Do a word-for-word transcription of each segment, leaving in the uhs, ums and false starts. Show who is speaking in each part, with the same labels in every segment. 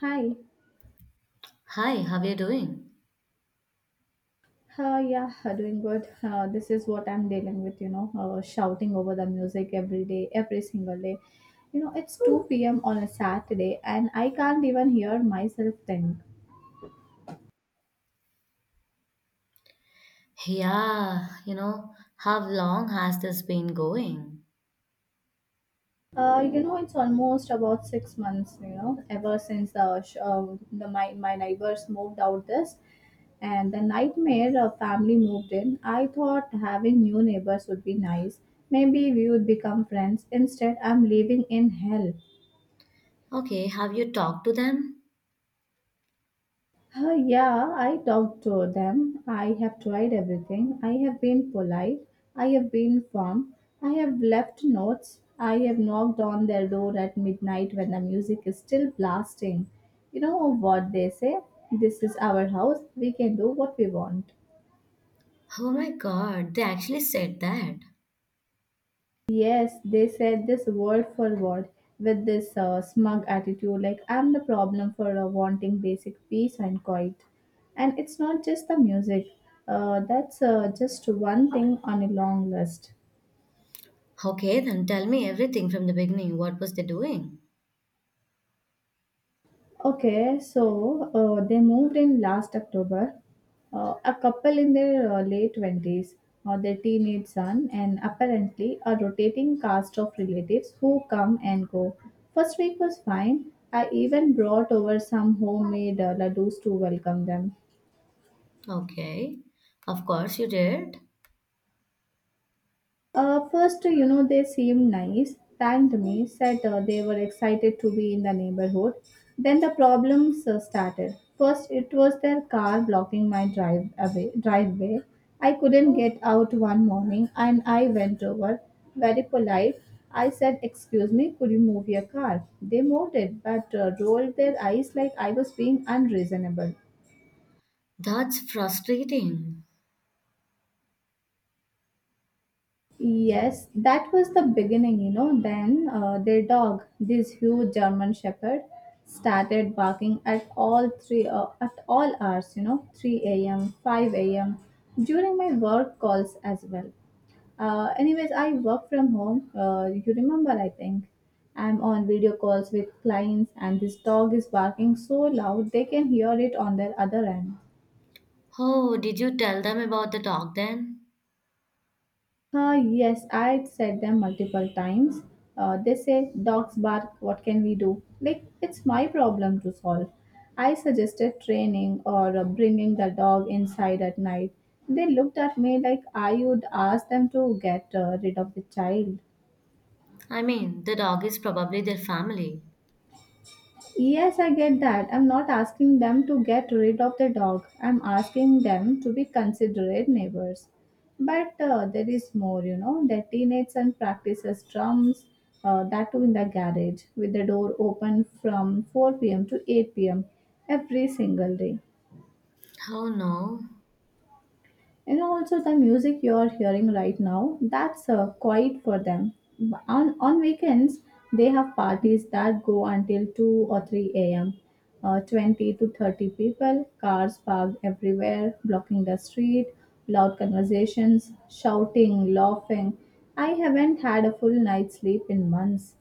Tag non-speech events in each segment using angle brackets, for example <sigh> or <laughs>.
Speaker 1: Hi.
Speaker 2: Hi, how are you doing?
Speaker 1: Uh, yeah, uh, doing good. Uh, this is what I'm dealing with, you know, uh, shouting over the music every day, every single day. You know, it's two p m on a Saturday and I can't even hear myself think.
Speaker 2: Yeah, you know, how long has this been going?
Speaker 1: Uh, you know, it's almost about six months, you know, ever since the, sh- uh, the my, my neighbors moved out this and the nightmare uh, family moved in. I thought having new neighbors would be nice. Maybe we would become friends. Instead, I'm living in hell.
Speaker 2: Okay, have you talked to them?
Speaker 1: Uh, yeah, I talked to them. I have tried everything. I have been polite. I have been firm. I have left notes. I have knocked on their door at midnight when the music is still blasting. You know what they say? This is our house. We can do what we want.
Speaker 2: Oh my God, they actually said that.
Speaker 1: Yes, they said this word for word with this uh, smug attitude like I'm the problem for uh, wanting basic peace and quiet. And it's not just the music, uh, that's uh, just one thing on a long list.
Speaker 2: Okay, then tell me everything from the beginning. What was they doing?
Speaker 1: Okay, so uh, they moved in last October. Uh, a couple in their uh, late twenties, uh, their teenage son, and apparently a rotating cast of relatives who come and go. First week was fine. I even brought over some homemade uh, ladoos to welcome them.
Speaker 2: Okay, of course you did.
Speaker 1: Uh, first, you know, they seemed nice, thanked me, said uh, they were excited to be in the neighborhood. Then the problems uh, started. First, it was their car blocking my drive away, driveway. I couldn't get out one morning and I went over, very polite. I said, "Excuse me, could you move your car?" They moved it but uh, rolled their eyes like I was being unreasonable.
Speaker 2: That's frustrating.
Speaker 1: Yes, that was the beginning, you know. Then uh, their dog, this huge German Shepherd, started barking at all three uh, at all hours, you know, three a m, five a m during my work calls as well. Uh, anyways, I work from home. Uh, you remember, I think. I'm on video calls with clients, and this dog is barking so loud they can hear it on their other end.
Speaker 2: Oh, did you tell them about the dog then?
Speaker 1: Uh, yes, I'd said them multiple times. Uh, they say, "Dogs bark, what can we do?" Like, it's my problem to solve. I suggested training or uh, bringing the dog inside at night. They looked at me like I would ask them to get uh, rid of the child.
Speaker 2: I mean, the dog is probably their family.
Speaker 1: Yes, I get that. I'm not asking them to get rid of the dog. I'm asking them to be considerate neighbors. But uh, there is more, you know. The teenage son practices drums, uh, that too in the garage, with the door open from four p m to eight p m every single day.
Speaker 2: Oh no.
Speaker 1: And also the music you are hearing right now, that's uh, quiet for them. On, on weekends, they have parties that go until two or three a m. Uh, twenty to thirty people, cars parked everywhere, blocking the street, loud conversations, shouting, laughing. I haven't had a full night's sleep in months.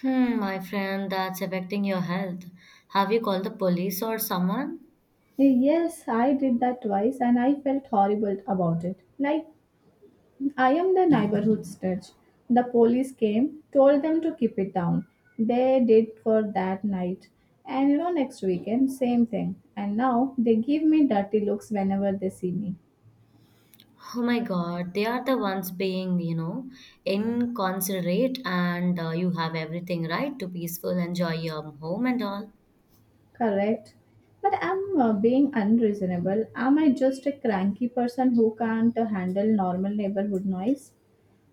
Speaker 2: Hmm, my friend, that's affecting your health. Have you called the police or someone?
Speaker 1: Yes, I did that twice and I felt horrible about it. Like I am the neighborhood snitch. The police came, told them to keep it down. They did for that night. And you know, next weekend, same thing. And now they give me dirty looks whenever they see me.
Speaker 2: Oh my God, they are the ones being, you know, inconsiderate, and uh, you have everything right to peaceful enjoy your home and all.
Speaker 1: Correct. But I'm uh, being unreasonable. Am I just a cranky person who can't uh, handle normal neighborhood noise?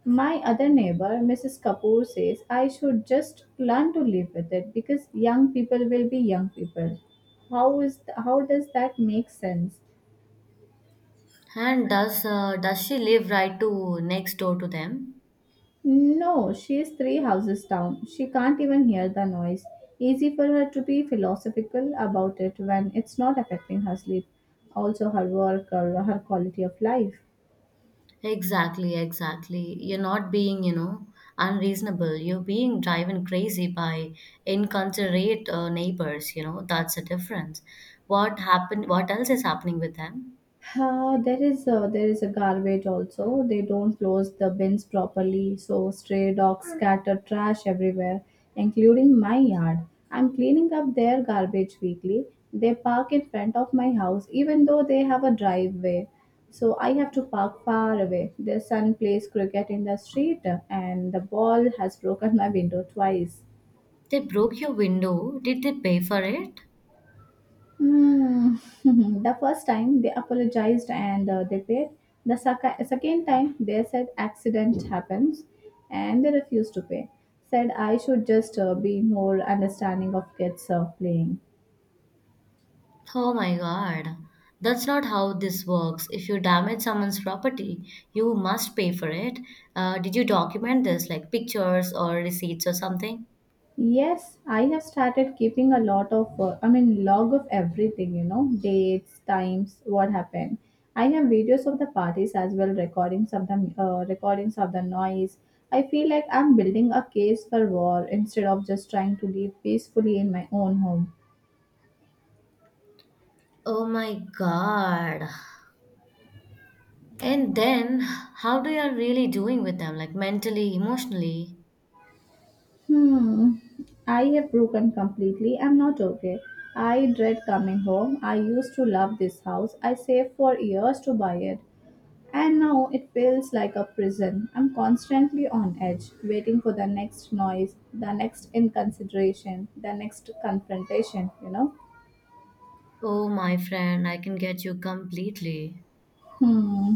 Speaker 1: My other neighbor, missus Kapoor, says I should just learn to live with it because young people will be young people. How is th- how does that make sense?
Speaker 2: And does uh, does she live right to next door to them?
Speaker 1: No, she is three houses down. She can't even hear the noise. Easy for her to be philosophical about it when it's not affecting her sleep, also her work or her quality of life.
Speaker 2: Exactly, exactly. You're not being, you know, unreasonable. You're being driven crazy by inconsiderate uh, neighbors. You know, that's the difference. What happened? What else is happening with them?
Speaker 1: Uh, there is a, there is a garbage also. They don't close the bins properly, so stray dogs scatter trash everywhere, including my yard. I'm cleaning up their garbage weekly. They park in front of my house, even though they have a driveway. So I have to park far away. Their son plays cricket in the street, and the ball has broken my window twice.
Speaker 2: They broke your window. Did they pay for it?
Speaker 1: Mm, <laughs> the first time they apologized and uh, they paid. The sec- second time they said accident happens and they refused to pay. Said I should just uh, be more understanding of kids uh, playing.
Speaker 2: Oh my God. That's not how this works. If you damage someone's property, you must pay for it. Uh, did you document this, like pictures or receipts or something?
Speaker 1: Yes, I have started keeping a lot of, uh, I mean, log of everything, you know, dates, times, what happened. I have videos of the parties as well, recordings of the uh, recordings of the noise. I feel like I'm building a case for war instead of just trying to live peacefully in my own home.
Speaker 2: Oh my God. And then, how do you are really doing with them, like mentally, emotionally?
Speaker 1: Hmm, I have broken completely. I'm not okay. I dread coming home. I used to love this house. I saved for years to buy it. And now it feels like a prison. I'm constantly on edge, waiting for the next noise, the next inconsideration, the next confrontation, you know?
Speaker 2: Oh, my friend, I can get you completely.
Speaker 1: Hmm.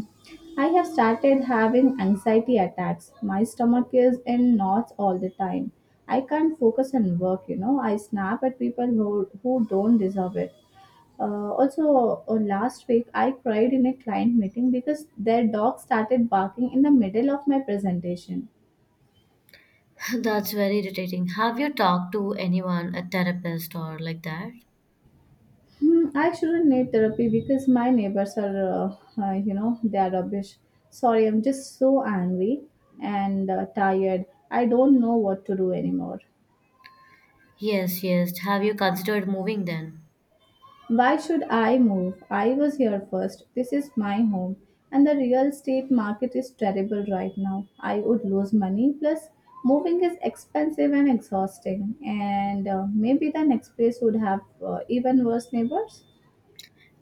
Speaker 1: I have started having anxiety attacks. My stomach is in knots all the time. I can't focus on work, you know? I snap at people who, who don't deserve it. Uh, also, uh, last week I cried in a client meeting because their dog started barking in the middle of my presentation.
Speaker 2: <laughs> That's very irritating. Have you talked to anyone, a therapist or like that?
Speaker 1: Hmm, I shouldn't need therapy because my neighbors are, uh, uh, you know, they are rubbish. Sorry, I'm just so angry and uh, tired. I don't know what to do anymore.
Speaker 2: Yes, yes. Have you considered moving then?
Speaker 1: Why should I move? I was here first. This is my home. And the real estate market is terrible right now. I would lose money. Plus, moving is expensive and exhausting. And uh, maybe the next place would have uh, even worse neighbors.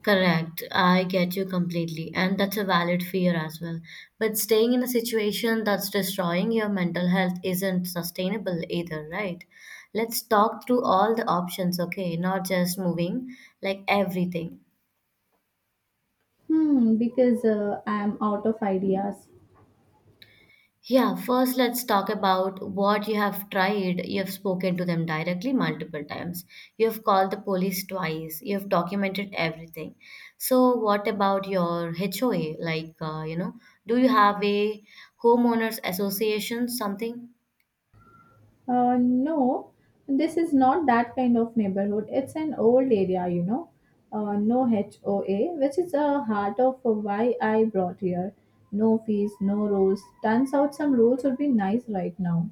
Speaker 2: Correct. I get you completely. And that's a valid fear as well. But staying in a situation that's destroying your mental health isn't sustainable either, right? Let's talk through all the options, okay? Not just moving, like everything.
Speaker 1: Hmm, because uh, I'm out of ideas.
Speaker 2: Yeah, first let's talk about what you have tried. You have spoken to them directly multiple times. You have called the police twice. You have documented everything. So, what about your H O A? Like, uh, you know, do you have a homeowners association, something?
Speaker 1: Uh, no, this is not that kind of neighborhood. It's an old area, you know. Uh, no H O A, which is a heart of why I brought here. No fees, no rules. Turns out some rules would be nice right now.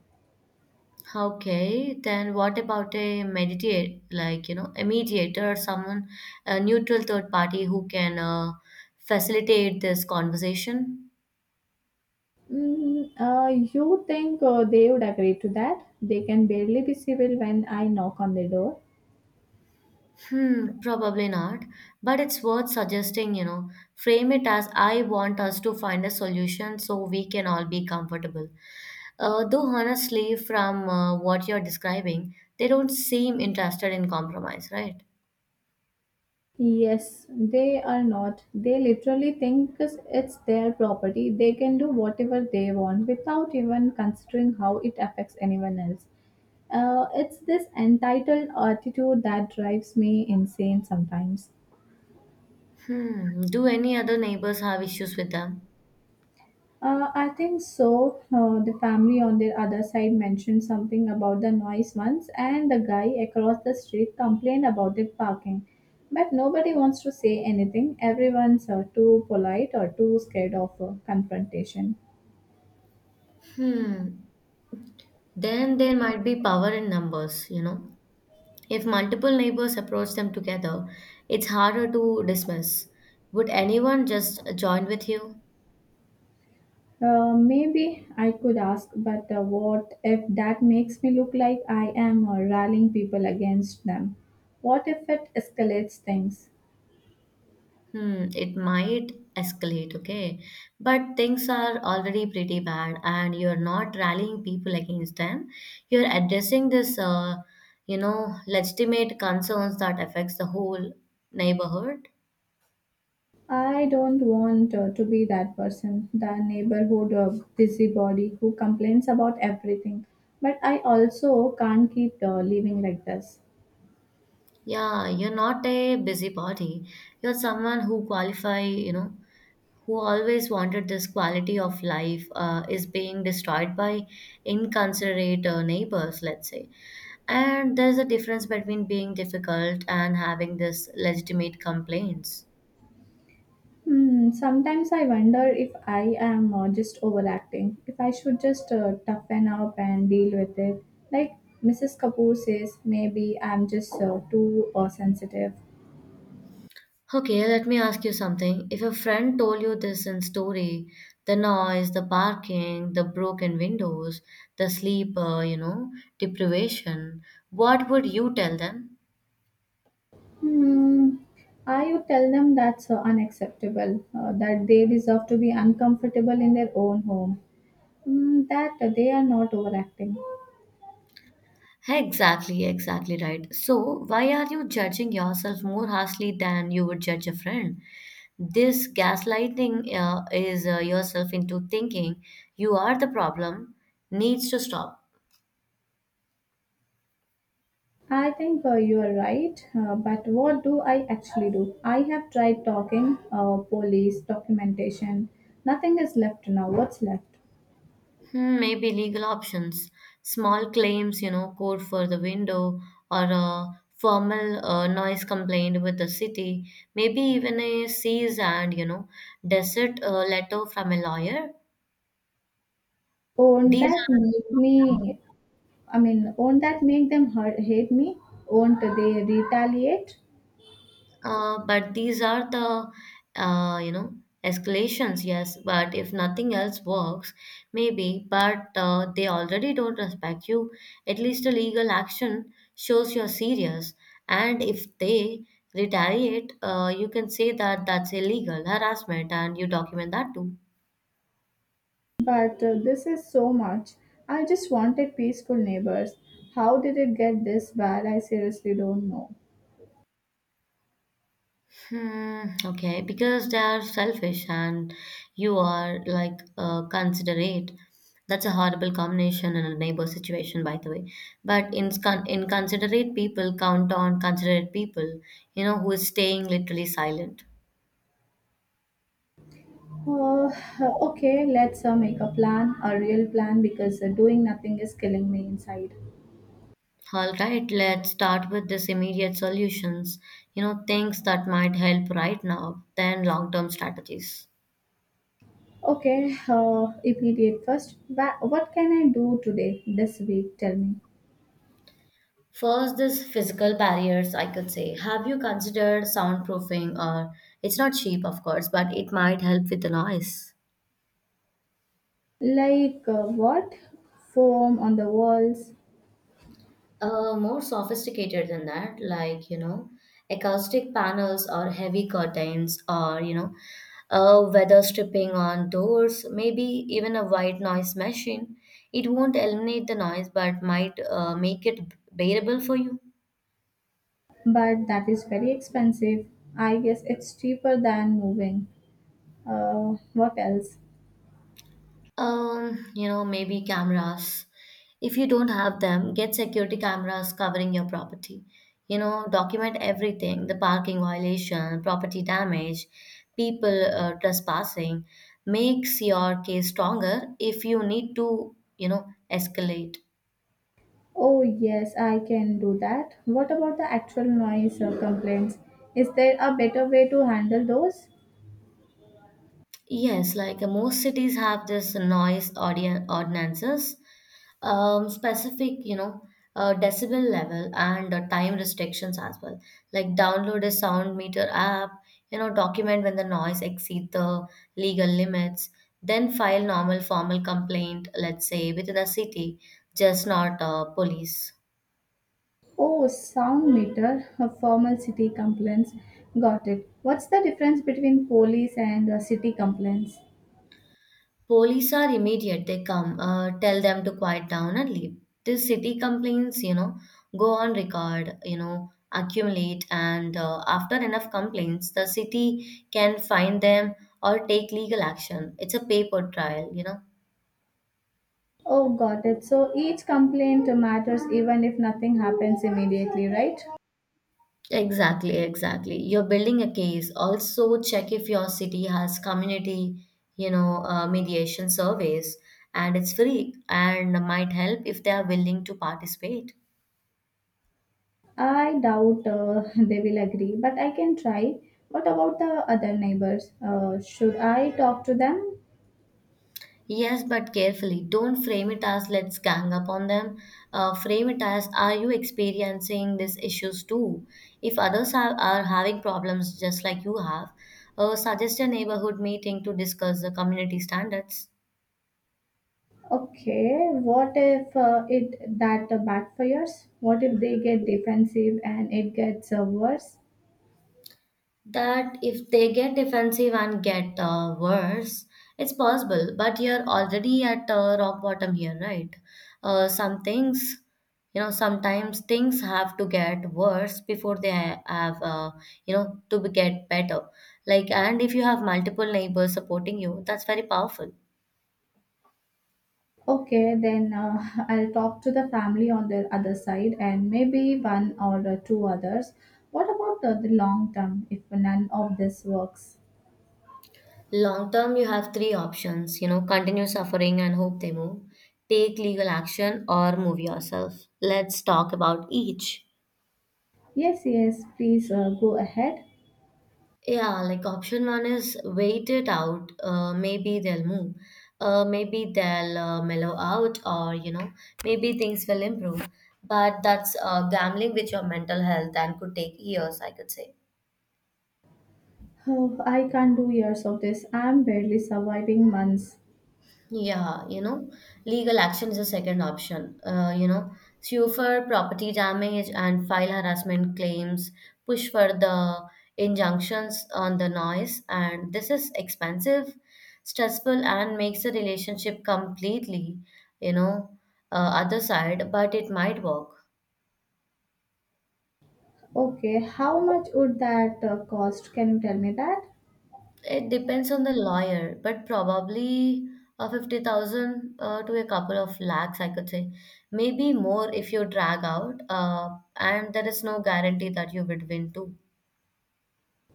Speaker 2: Okay, then what about a mediate, like, you know, a mediator or someone, a neutral third party who can uh, facilitate this conversation?
Speaker 1: Mm, uh, you think uh, they would agree to that? They can barely be civil when I knock on their door.
Speaker 2: Hmm, probably not. But it's worth suggesting, you know, frame it as I want us to find a solution so we can all be comfortable. Uh, though, honestly, from uh, what you're describing, they don't seem interested in compromise, right?
Speaker 1: Yes, they are not. They literally think it's their property. They can do whatever they want without even considering how it affects anyone else. Uh, it's this entitled attitude that drives me insane sometimes.
Speaker 2: Hmm, do any other neighbors have issues with them?
Speaker 1: Uh, I think so. Uh, the family on their other side mentioned something about the noise once, and the guy across the street complained about the parking. But nobody wants to say anything. Everyone's uh, too polite or too scared of uh, confrontation.
Speaker 2: Hmm, then there might be power in numbers, you know. If multiple neighbors approach them together, it's harder to dismiss. Would anyone just join with you?
Speaker 1: Uh, maybe I could ask, but uh, what if that makes me look like I am uh, rallying people against them? What if it escalates things?
Speaker 2: Hmm, it might escalate, okay? But things are already pretty bad, and you're not rallying people against them. You're addressing this, uh, you know, legitimate concerns that affects the whole neighborhood.
Speaker 1: I don't want uh, to be that person, the neighborhood uh, busybody who complains about everything. But I also can't keep uh, living like this.
Speaker 2: Yeah, you're not a busybody. You're someone who qualify, you know, who always wanted this quality of life uh, is being destroyed by inconsiderate uh, neighbors, let's say. And there's a difference between being difficult and having this legitimate complaints.
Speaker 1: Hmm, sometimes I wonder if I am uh, just overacting, if I should just uh, toughen up and deal with it. Like missus Kapoor says, maybe I'm just uh, too uh, sensitive.
Speaker 2: Okay, let me ask you something. If a friend told you this in story, the noise, the barking, the broken windows, the sleep, uh, you know, deprivation, what would you tell them?
Speaker 1: Hmm, I would tell them that's uh, unacceptable, uh, that they deserve to be uncomfortable in their own home. Mm, that they are not overacting.
Speaker 2: Exactly, exactly right. So, why are you judging yourself more harshly than you would judge a friend? This gaslighting uh, is uh, yourself into thinking you are the problem needs to stop.
Speaker 1: I think uh, you are right, uh, but what do I actually do? I have tried talking, uh, police, documentation. Nothing is left now. What's left?
Speaker 2: Hmm, maybe legal options, small claims, you know, code for the window, or a formal uh, noise complaint with the city, maybe even a cease and, you know, desert uh, letter from a lawyer.
Speaker 1: Won't
Speaker 2: These
Speaker 1: that make
Speaker 2: are
Speaker 1: me? I mean, won't that make them hurt, hate me? Won't they retaliate?
Speaker 2: Uh, but these are the, uh, you know, escalations, yes. But if nothing else works, maybe, but uh, they already don't respect you. At least a legal action shows you're serious. And if they retaliate, uh, you can say that that's illegal harassment and you document that too.
Speaker 1: But uh, this is so much. I just wanted peaceful neighbors. How did it get this bad? I seriously don't know.
Speaker 2: Hmm, okay, because they are selfish and you are like uh, considerate. That's a horrible combination in a neighbor situation, by the way. But in con- inconsiderate people count on considerate people, you know, who is staying literally silent.
Speaker 1: Uh, okay, let's uh, make a plan, a real plan, because uh, doing nothing is killing me inside.
Speaker 2: All right, let's start with this immediate solutions, you know, things that might help right now, then long-term strategies.
Speaker 1: Okay, uh, immediate first. Wha- What can I do today, this week? Tell me.
Speaker 2: First, this physical barriers, I could say. Have you considered soundproofing or it's not cheap, of course, but it might help with the noise.
Speaker 1: Like uh, what? Foam on the walls,
Speaker 2: Uh, more sophisticated than that, like, you know, acoustic panels or heavy curtains or, you know, uh, weather stripping on doors, maybe even a white noise machine. It won't eliminate the noise, but might uh, make it bearable for you.
Speaker 1: but that is very expensive. I guess it's cheaper than moving. Uh, what else?
Speaker 2: Um, you know, maybe cameras. If you don't have them, get security cameras covering your property. You know, document everything, the parking violation, property damage, people uh, trespassing. Makes your case stronger if you need to, you know, escalate.
Speaker 1: Oh, yes, I can do that. What about the actual noise uh, complaints? Is there a better way to handle those?
Speaker 2: Yes, like uh, most cities have this noise ordi- ordinances, um, specific, you know, uh, decibel level and uh, time restrictions as well. Like download a sound meter app, you know, document when the noise exceed the legal limits, then file normal formal complaint, let's say within a city, just not uh, police.
Speaker 1: Oh, sound meter, a formal city complaints. Got it. What's the difference between police and uh, city complaints?
Speaker 2: Police are immediate. They come, uh, tell them to quiet down and leave. The city complaints, you know, go on record, you know, accumulate, and uh, after enough complaints, the city can fine them or take legal action. It's a paper trial, you know.
Speaker 1: Oh, got it. So each complaint matters even if nothing happens immediately, right?
Speaker 2: Exactly, exactly. You're building a case. Also, check if your city has community, you know, uh, mediation surveys, and it's free and might help if they are willing to participate.
Speaker 1: I doubt uh, they will agree, but I can try. What about the other neighbors? Uh, should I talk to them?
Speaker 2: Yes, but carefully. Don't frame it as let's gang up on them. Uh, frame it as are you experiencing these issues too? If others are, are having problems just like you have, uh, suggest a neighborhood meeting to discuss the community standards.
Speaker 1: Okay, what if uh, it that backfires? What if they get defensive and it gets uh, worse?
Speaker 2: That if they get defensive and get uh, worse, it's possible. But you're already at uh, rock bottom here, right? Uh, some things, you know, sometimes things have to get worse before they ha- have, uh, you know, to be get better. Like, and if you have multiple neighbors supporting you, that's very powerful.
Speaker 1: Okay, then uh, <laughs> I'll talk to the family on the other side and maybe one or uh, two others. What about uh, the long term if none of this works?
Speaker 2: Long term, you have three options, you know, continue suffering and hope they move, take legal action, or move yourself. Let's talk about each.
Speaker 1: Yes, yes, please uh, go ahead.
Speaker 2: Yeah, like option one is wait it out. Uh, maybe they'll move. Uh, maybe they'll uh, mellow out, or you know, maybe things will improve. But that's uh, gambling with your mental health and could take years, I could say.
Speaker 1: Oh, I can't do years of this. I'm barely surviving months.
Speaker 2: Yeah, you know, legal action is a second option. Uh, you know, sue for property damage and file harassment claims, push for the injunctions on the noise, and this is expensive, stressful, and makes the relationship completely, you know, uh, other side, but it might work.
Speaker 1: Okay, how much would that uh, cost? Can you tell me that?
Speaker 2: It depends on the lawyer, but probably uh, fifty thousand uh, to a couple of lakhs, I could say. Maybe more if you drag out, uh, and there is no guarantee that you would win too.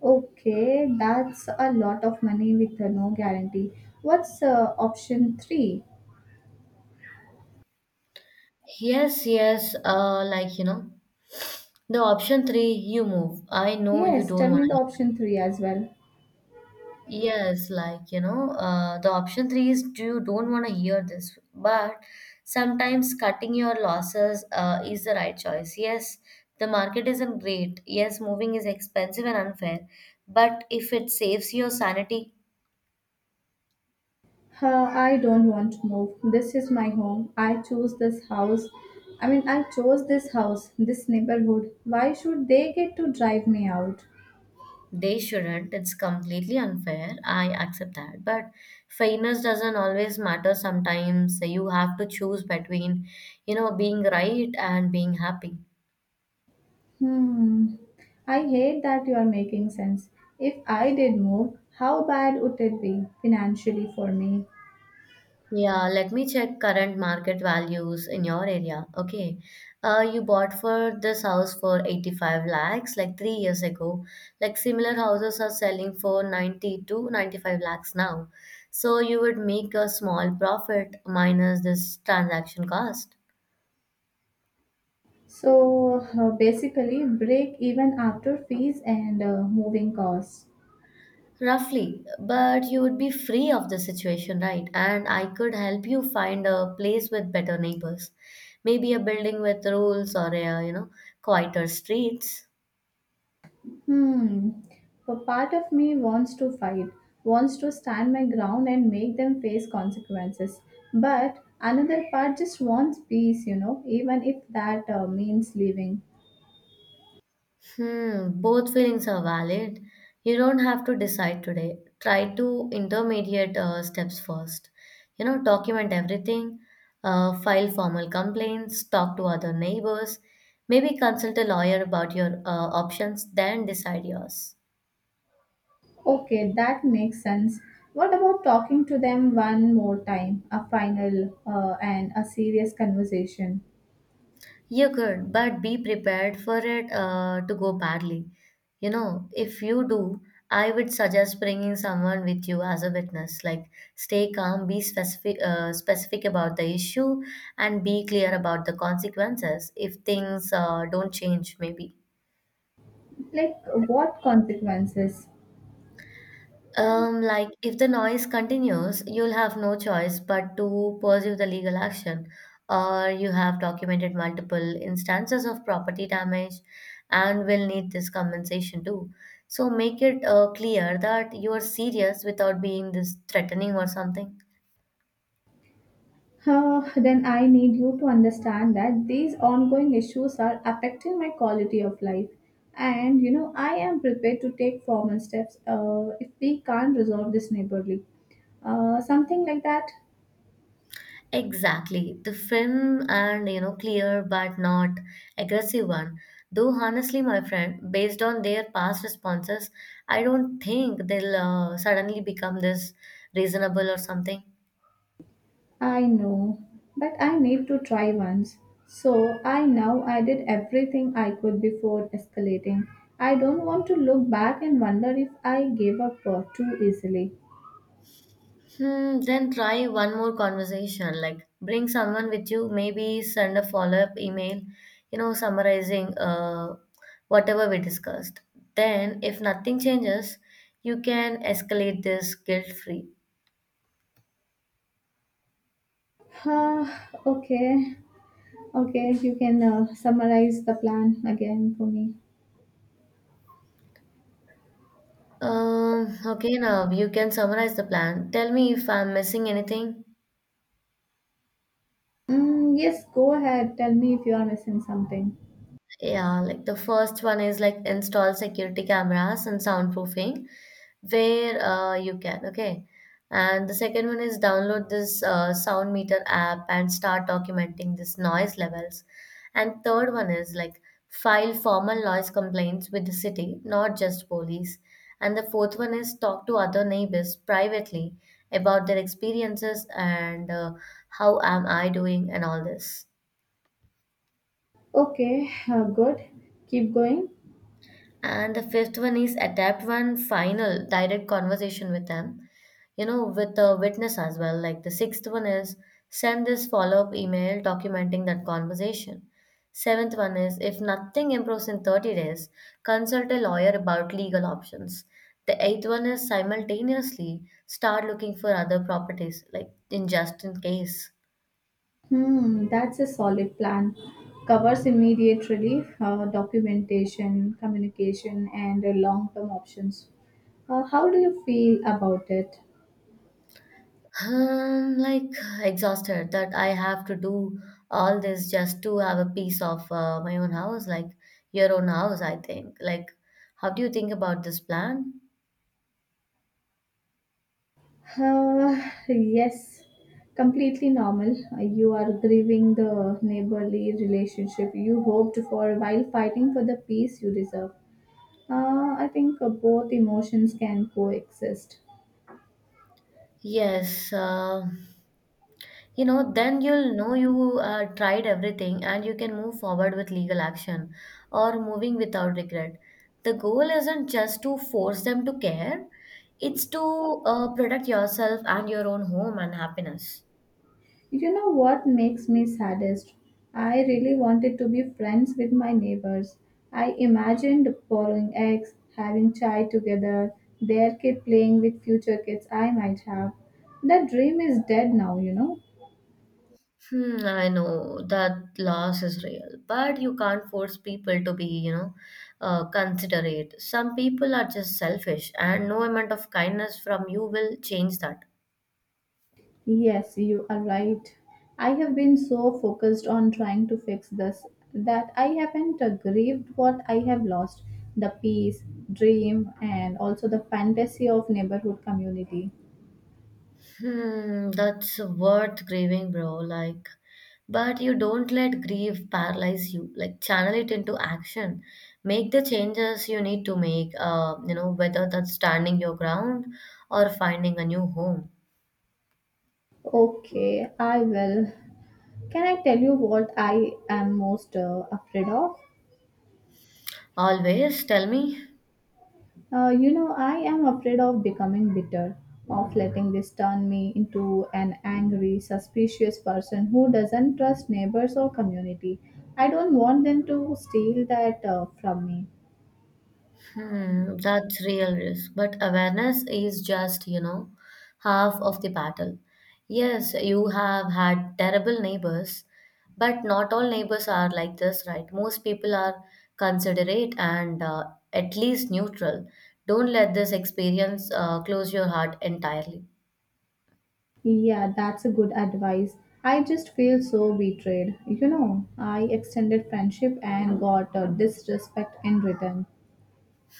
Speaker 1: Okay, that's a lot of money with uh, no guarantee. What's uh, option three?
Speaker 2: Yes, yes, uh, like you know, the option three, you move. I know you
Speaker 1: Yes, tell
Speaker 2: don't want.
Speaker 1: me the option three as well.
Speaker 2: Yes, like you know, uh, the option three is do you don't want to hear this, but sometimes cutting your losses uh, is the right choice. Yes, the market isn't great. Yes, moving is expensive and unfair, but if it saves your sanity,
Speaker 1: Uh, I don't want to move. This is my home. I chose this house. I mean, I chose this house, this neighborhood. Why should they get to drive me out?
Speaker 2: they shouldn't. It's completely unfair. I accept that, but fairness doesn't always matter. Sometimes you have to choose between, you know, being right and being happy.
Speaker 1: Hmm. I hate that you are making sense. If I did move, how bad would it be financially for me?
Speaker 2: Yeah, let me check current market values in your area. Okay. Uh, you bought for this house for eighty-five lakhs like three years ago. Like similar houses are selling for ninety to ninety-five lakhs now. So you would make a small profit minus this transaction cost.
Speaker 1: So uh, basically, break even after fees and uh, moving costs.
Speaker 2: Roughly, but you would be free of the situation, right? And I could help you find a place with better neighbors. Maybe a building with rules or a, you know, quieter streets.
Speaker 1: Hmm. A part of me wants to fight, wants to stand my ground and make them face consequences. But another part just wants peace, you know, even if that uh, means leaving.
Speaker 2: Hmm, both feelings are valid. You don't have to decide today. Try to intermediate uh, steps first. You know, document everything, uh, file formal complaints, talk to other neighbors, maybe consult a lawyer about your uh, options, then decide yours.
Speaker 1: Okay, that makes sense. What about talking to them one more time, a final uh, and a serious conversation?
Speaker 2: You could, but be prepared for it uh, to go badly. You know, if you do, I would suggest bringing someone with you as a witness. Like, stay calm, be specific, uh, specific about the issue, and be clear about the consequences if things uh, don't change, maybe.
Speaker 1: Like, what consequences?
Speaker 2: Um, like if the noise continues, you'll have no choice but to pursue the legal action, or you have documented multiple instances of property damage and will need this compensation too. So make it uh, clear that you are serious without being this threatening or something.
Speaker 1: Uh, then I need you to understand that these ongoing issues are affecting my quality of life. And you know, I am prepared to take formal steps uh, if we can't resolve this neighborly. Uh, something like that.
Speaker 2: Exactly. The film and you know clear but not aggressive one. Though honestly, my friend, based on their past responses, I don't think they'll uh, suddenly become this reasonable or something.
Speaker 1: I know, but I need to try once. So I now I did everything I could before escalating. I don't want to look back and wonder if I gave up uh, too easily. <sighs>
Speaker 2: Hmm, then try one more conversation. Like bring someone with you, maybe send a follow-up email, you know, summarizing uh, whatever we discussed. Then if nothing changes, you can escalate this guilt-free.
Speaker 1: Ah, okay. Okay, you can uh, summarize the plan again for me.
Speaker 2: Um, okay, now you can summarize the plan. Tell me if I'm missing anything.
Speaker 1: Mm, yes, go ahead. Tell me if you are missing something.
Speaker 2: Yeah, like the first one is like install security cameras and soundproofing, where uh, you can. Okay, and the second one is download this uh, sound meter app and start documenting this noise levels, and third one is like file formal noise complaints with the city, not just police. And the fourth one is talk to other neighbors privately about their experiences and uh, how am I doing and all this.
Speaker 1: Okay, uh, good. Keep going.
Speaker 2: And the fifth one is adapt one final direct conversation with them, you know, with the witness as well. Like the sixth one is send this follow up email documenting that conversation. Seventh one is if nothing improves in thirty days, consult a lawyer about legal options. The eighth one is simultaneously start looking for other properties, like, in just in case.
Speaker 1: Hmm, that's a solid plan. Covers immediate relief, uh, documentation, communication, and uh, long term options. Uh, how do you feel about it?
Speaker 2: Um, like uh, exhausted that I have to do all this just to have a piece of uh, my own house, like your own house, I think. Like, how do you think about this plan?
Speaker 1: Uh, yes, completely normal. Uh, You are grieving the neighborly relationship you hoped for while fighting for the peace you deserve. Uh, I think uh, both emotions can coexist.
Speaker 2: Yes, uh, you know, then you'll know you uh, tried everything and you can move forward with legal action or moving without regret. The goal isn't just to force them to care, it's to uh, protect yourself and your own home and happiness.
Speaker 1: You know what makes me saddest? I really wanted to be friends with my neighbors. I imagined borrowing eggs, having chai together, their kid playing with future kids I might have. That dream is dead now, you know.
Speaker 2: Hmm, I know that loss is real, but you can't force people to be, you know, uh, considerate. Some people are just selfish, and no amount of kindness from you will change that.
Speaker 1: Yes, you are right. I have been so focused on trying to fix this that I haven't uh, grieved what I have lost, the peace, dream, and also the fantasy of neighborhood community.
Speaker 2: Hmm, that's worth grieving, bro. Like, but you don't let grief paralyze you. Like, channel it into action. Make the changes you need to make, uh, you know, whether that's standing your ground or finding a new home.
Speaker 1: Okay, I will. Can I tell you what I am most uh, afraid of?
Speaker 2: Always tell me.
Speaker 1: Uh, you know, I am afraid of becoming bitter, of letting this turn me into an angry, suspicious person who doesn't trust neighbors or community. I don't want them to steal that uh, from me.
Speaker 2: Hmm, that's real risk. But awareness is just, you know, half of the battle. Yes, you have had terrible neighbors, but not all neighbors are like this, right? Most people are considerate and uh, at least neutral. Don't let this experience uh, close your heart entirely.
Speaker 1: Yeah, that's a good advice. I just feel so betrayed. You know, I extended friendship and got uh, disrespect in return.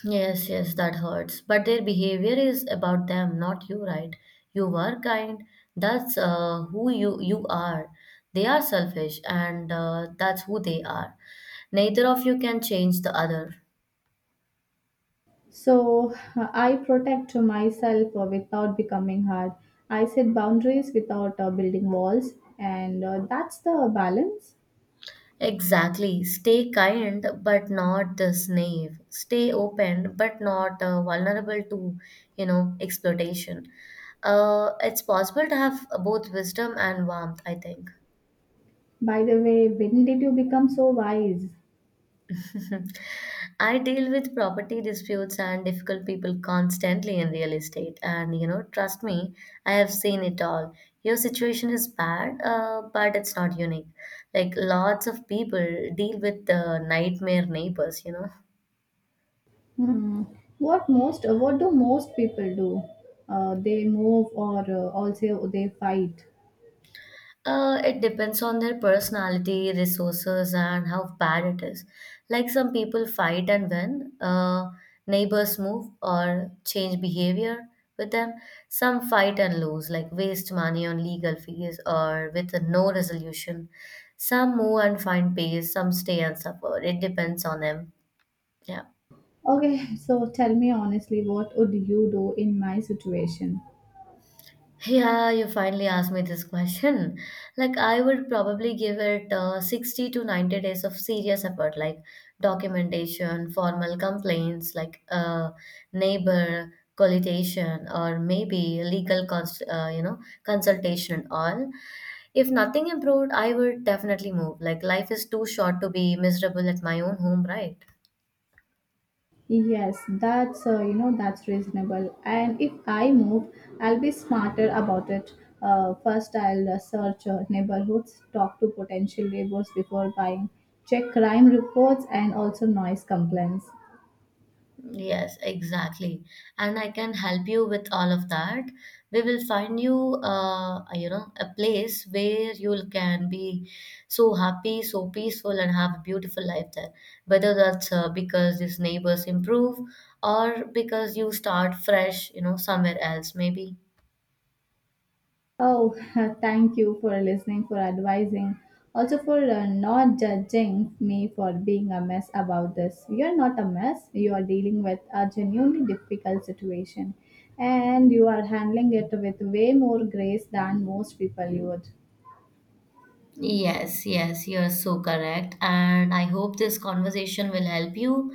Speaker 2: Yes, yes, that hurts. But their behavior is about them, not you, right? You were kind. That's uh, who you you are. They are selfish, and uh, that's who they are. Neither of you can change the other.
Speaker 1: So uh, I protect myself uh, without becoming hard. I set boundaries without uh, building walls, and uh, that's the balance.
Speaker 2: Exactly. Stay kind, but not the slave. Stay open, but not uh, vulnerable to, you know, exploitation. Uh, it's possible to have both wisdom and warmth, I think.
Speaker 1: By the way, when did you become so wise?
Speaker 2: <laughs> I deal with property disputes and difficult people constantly in real estate, and you know, trust me, I have seen it all. Your situation is bad, uh, but it's not unique. Like lots of people deal with the nightmare neighbors, you know.
Speaker 1: Hmm. What most? Uh, what do most people do? Uh, they move, or uh, also they fight.
Speaker 2: Uh, it depends on their personality, resources, and how bad it is. Like some people fight and win, uh, neighbors move or change behavior with them. Some fight and lose, like waste money on legal fees or with no resolution. Some move and find peace, some stay and suffer. It depends on them. Yeah.
Speaker 1: Okay, so tell me honestly, what would you do in my situation?
Speaker 2: Yeah, you finally asked me this question. Like, I would probably give it uh, sixty to ninety days of serious effort, like documentation, formal complaints, like uh, neighbor coalition, or maybe legal, cons- uh, you know, consultation and all. If nothing improved, I would definitely move. Like, life is too short to be miserable at my own home, right?
Speaker 1: Yes, that's uh, you know that's reasonable. And if I move, I'll be smarter about it. Uh, first, I'll uh, search uh, neighborhoods, talk to potential neighbors before buying, check crime reports, and also noise complaints.
Speaker 2: Yes, exactly. And I can help you with all of that. We will find you, uh, you know, a place where you can be so happy, so peaceful, and have a beautiful life there. Whether that's uh, because these neighbors improve or because you start fresh, you know, somewhere else, maybe.
Speaker 1: Oh, <laughs> thank you for listening, for advising, also for uh, not judging me for being a mess about this. You're not a mess. You are dealing with a genuinely difficult situation and you are handling it with way more grace than most people you would. <laughs>
Speaker 2: Yes, yes, you're so correct. And I hope this conversation will help you.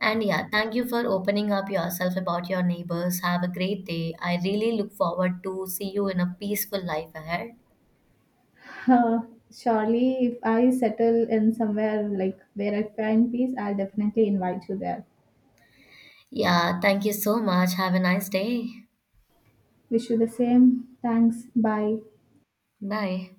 Speaker 2: And yeah, thank you for opening up yourself about your neighbors. Have a great day. I really look forward to see you in a peaceful life ahead.
Speaker 1: Uh, Surely, if I settle in somewhere like where I find peace, I'll definitely invite you there.
Speaker 2: Yeah, thank you so much. Have a nice day.
Speaker 1: Wish you the same. Thanks. Bye.
Speaker 2: Bye.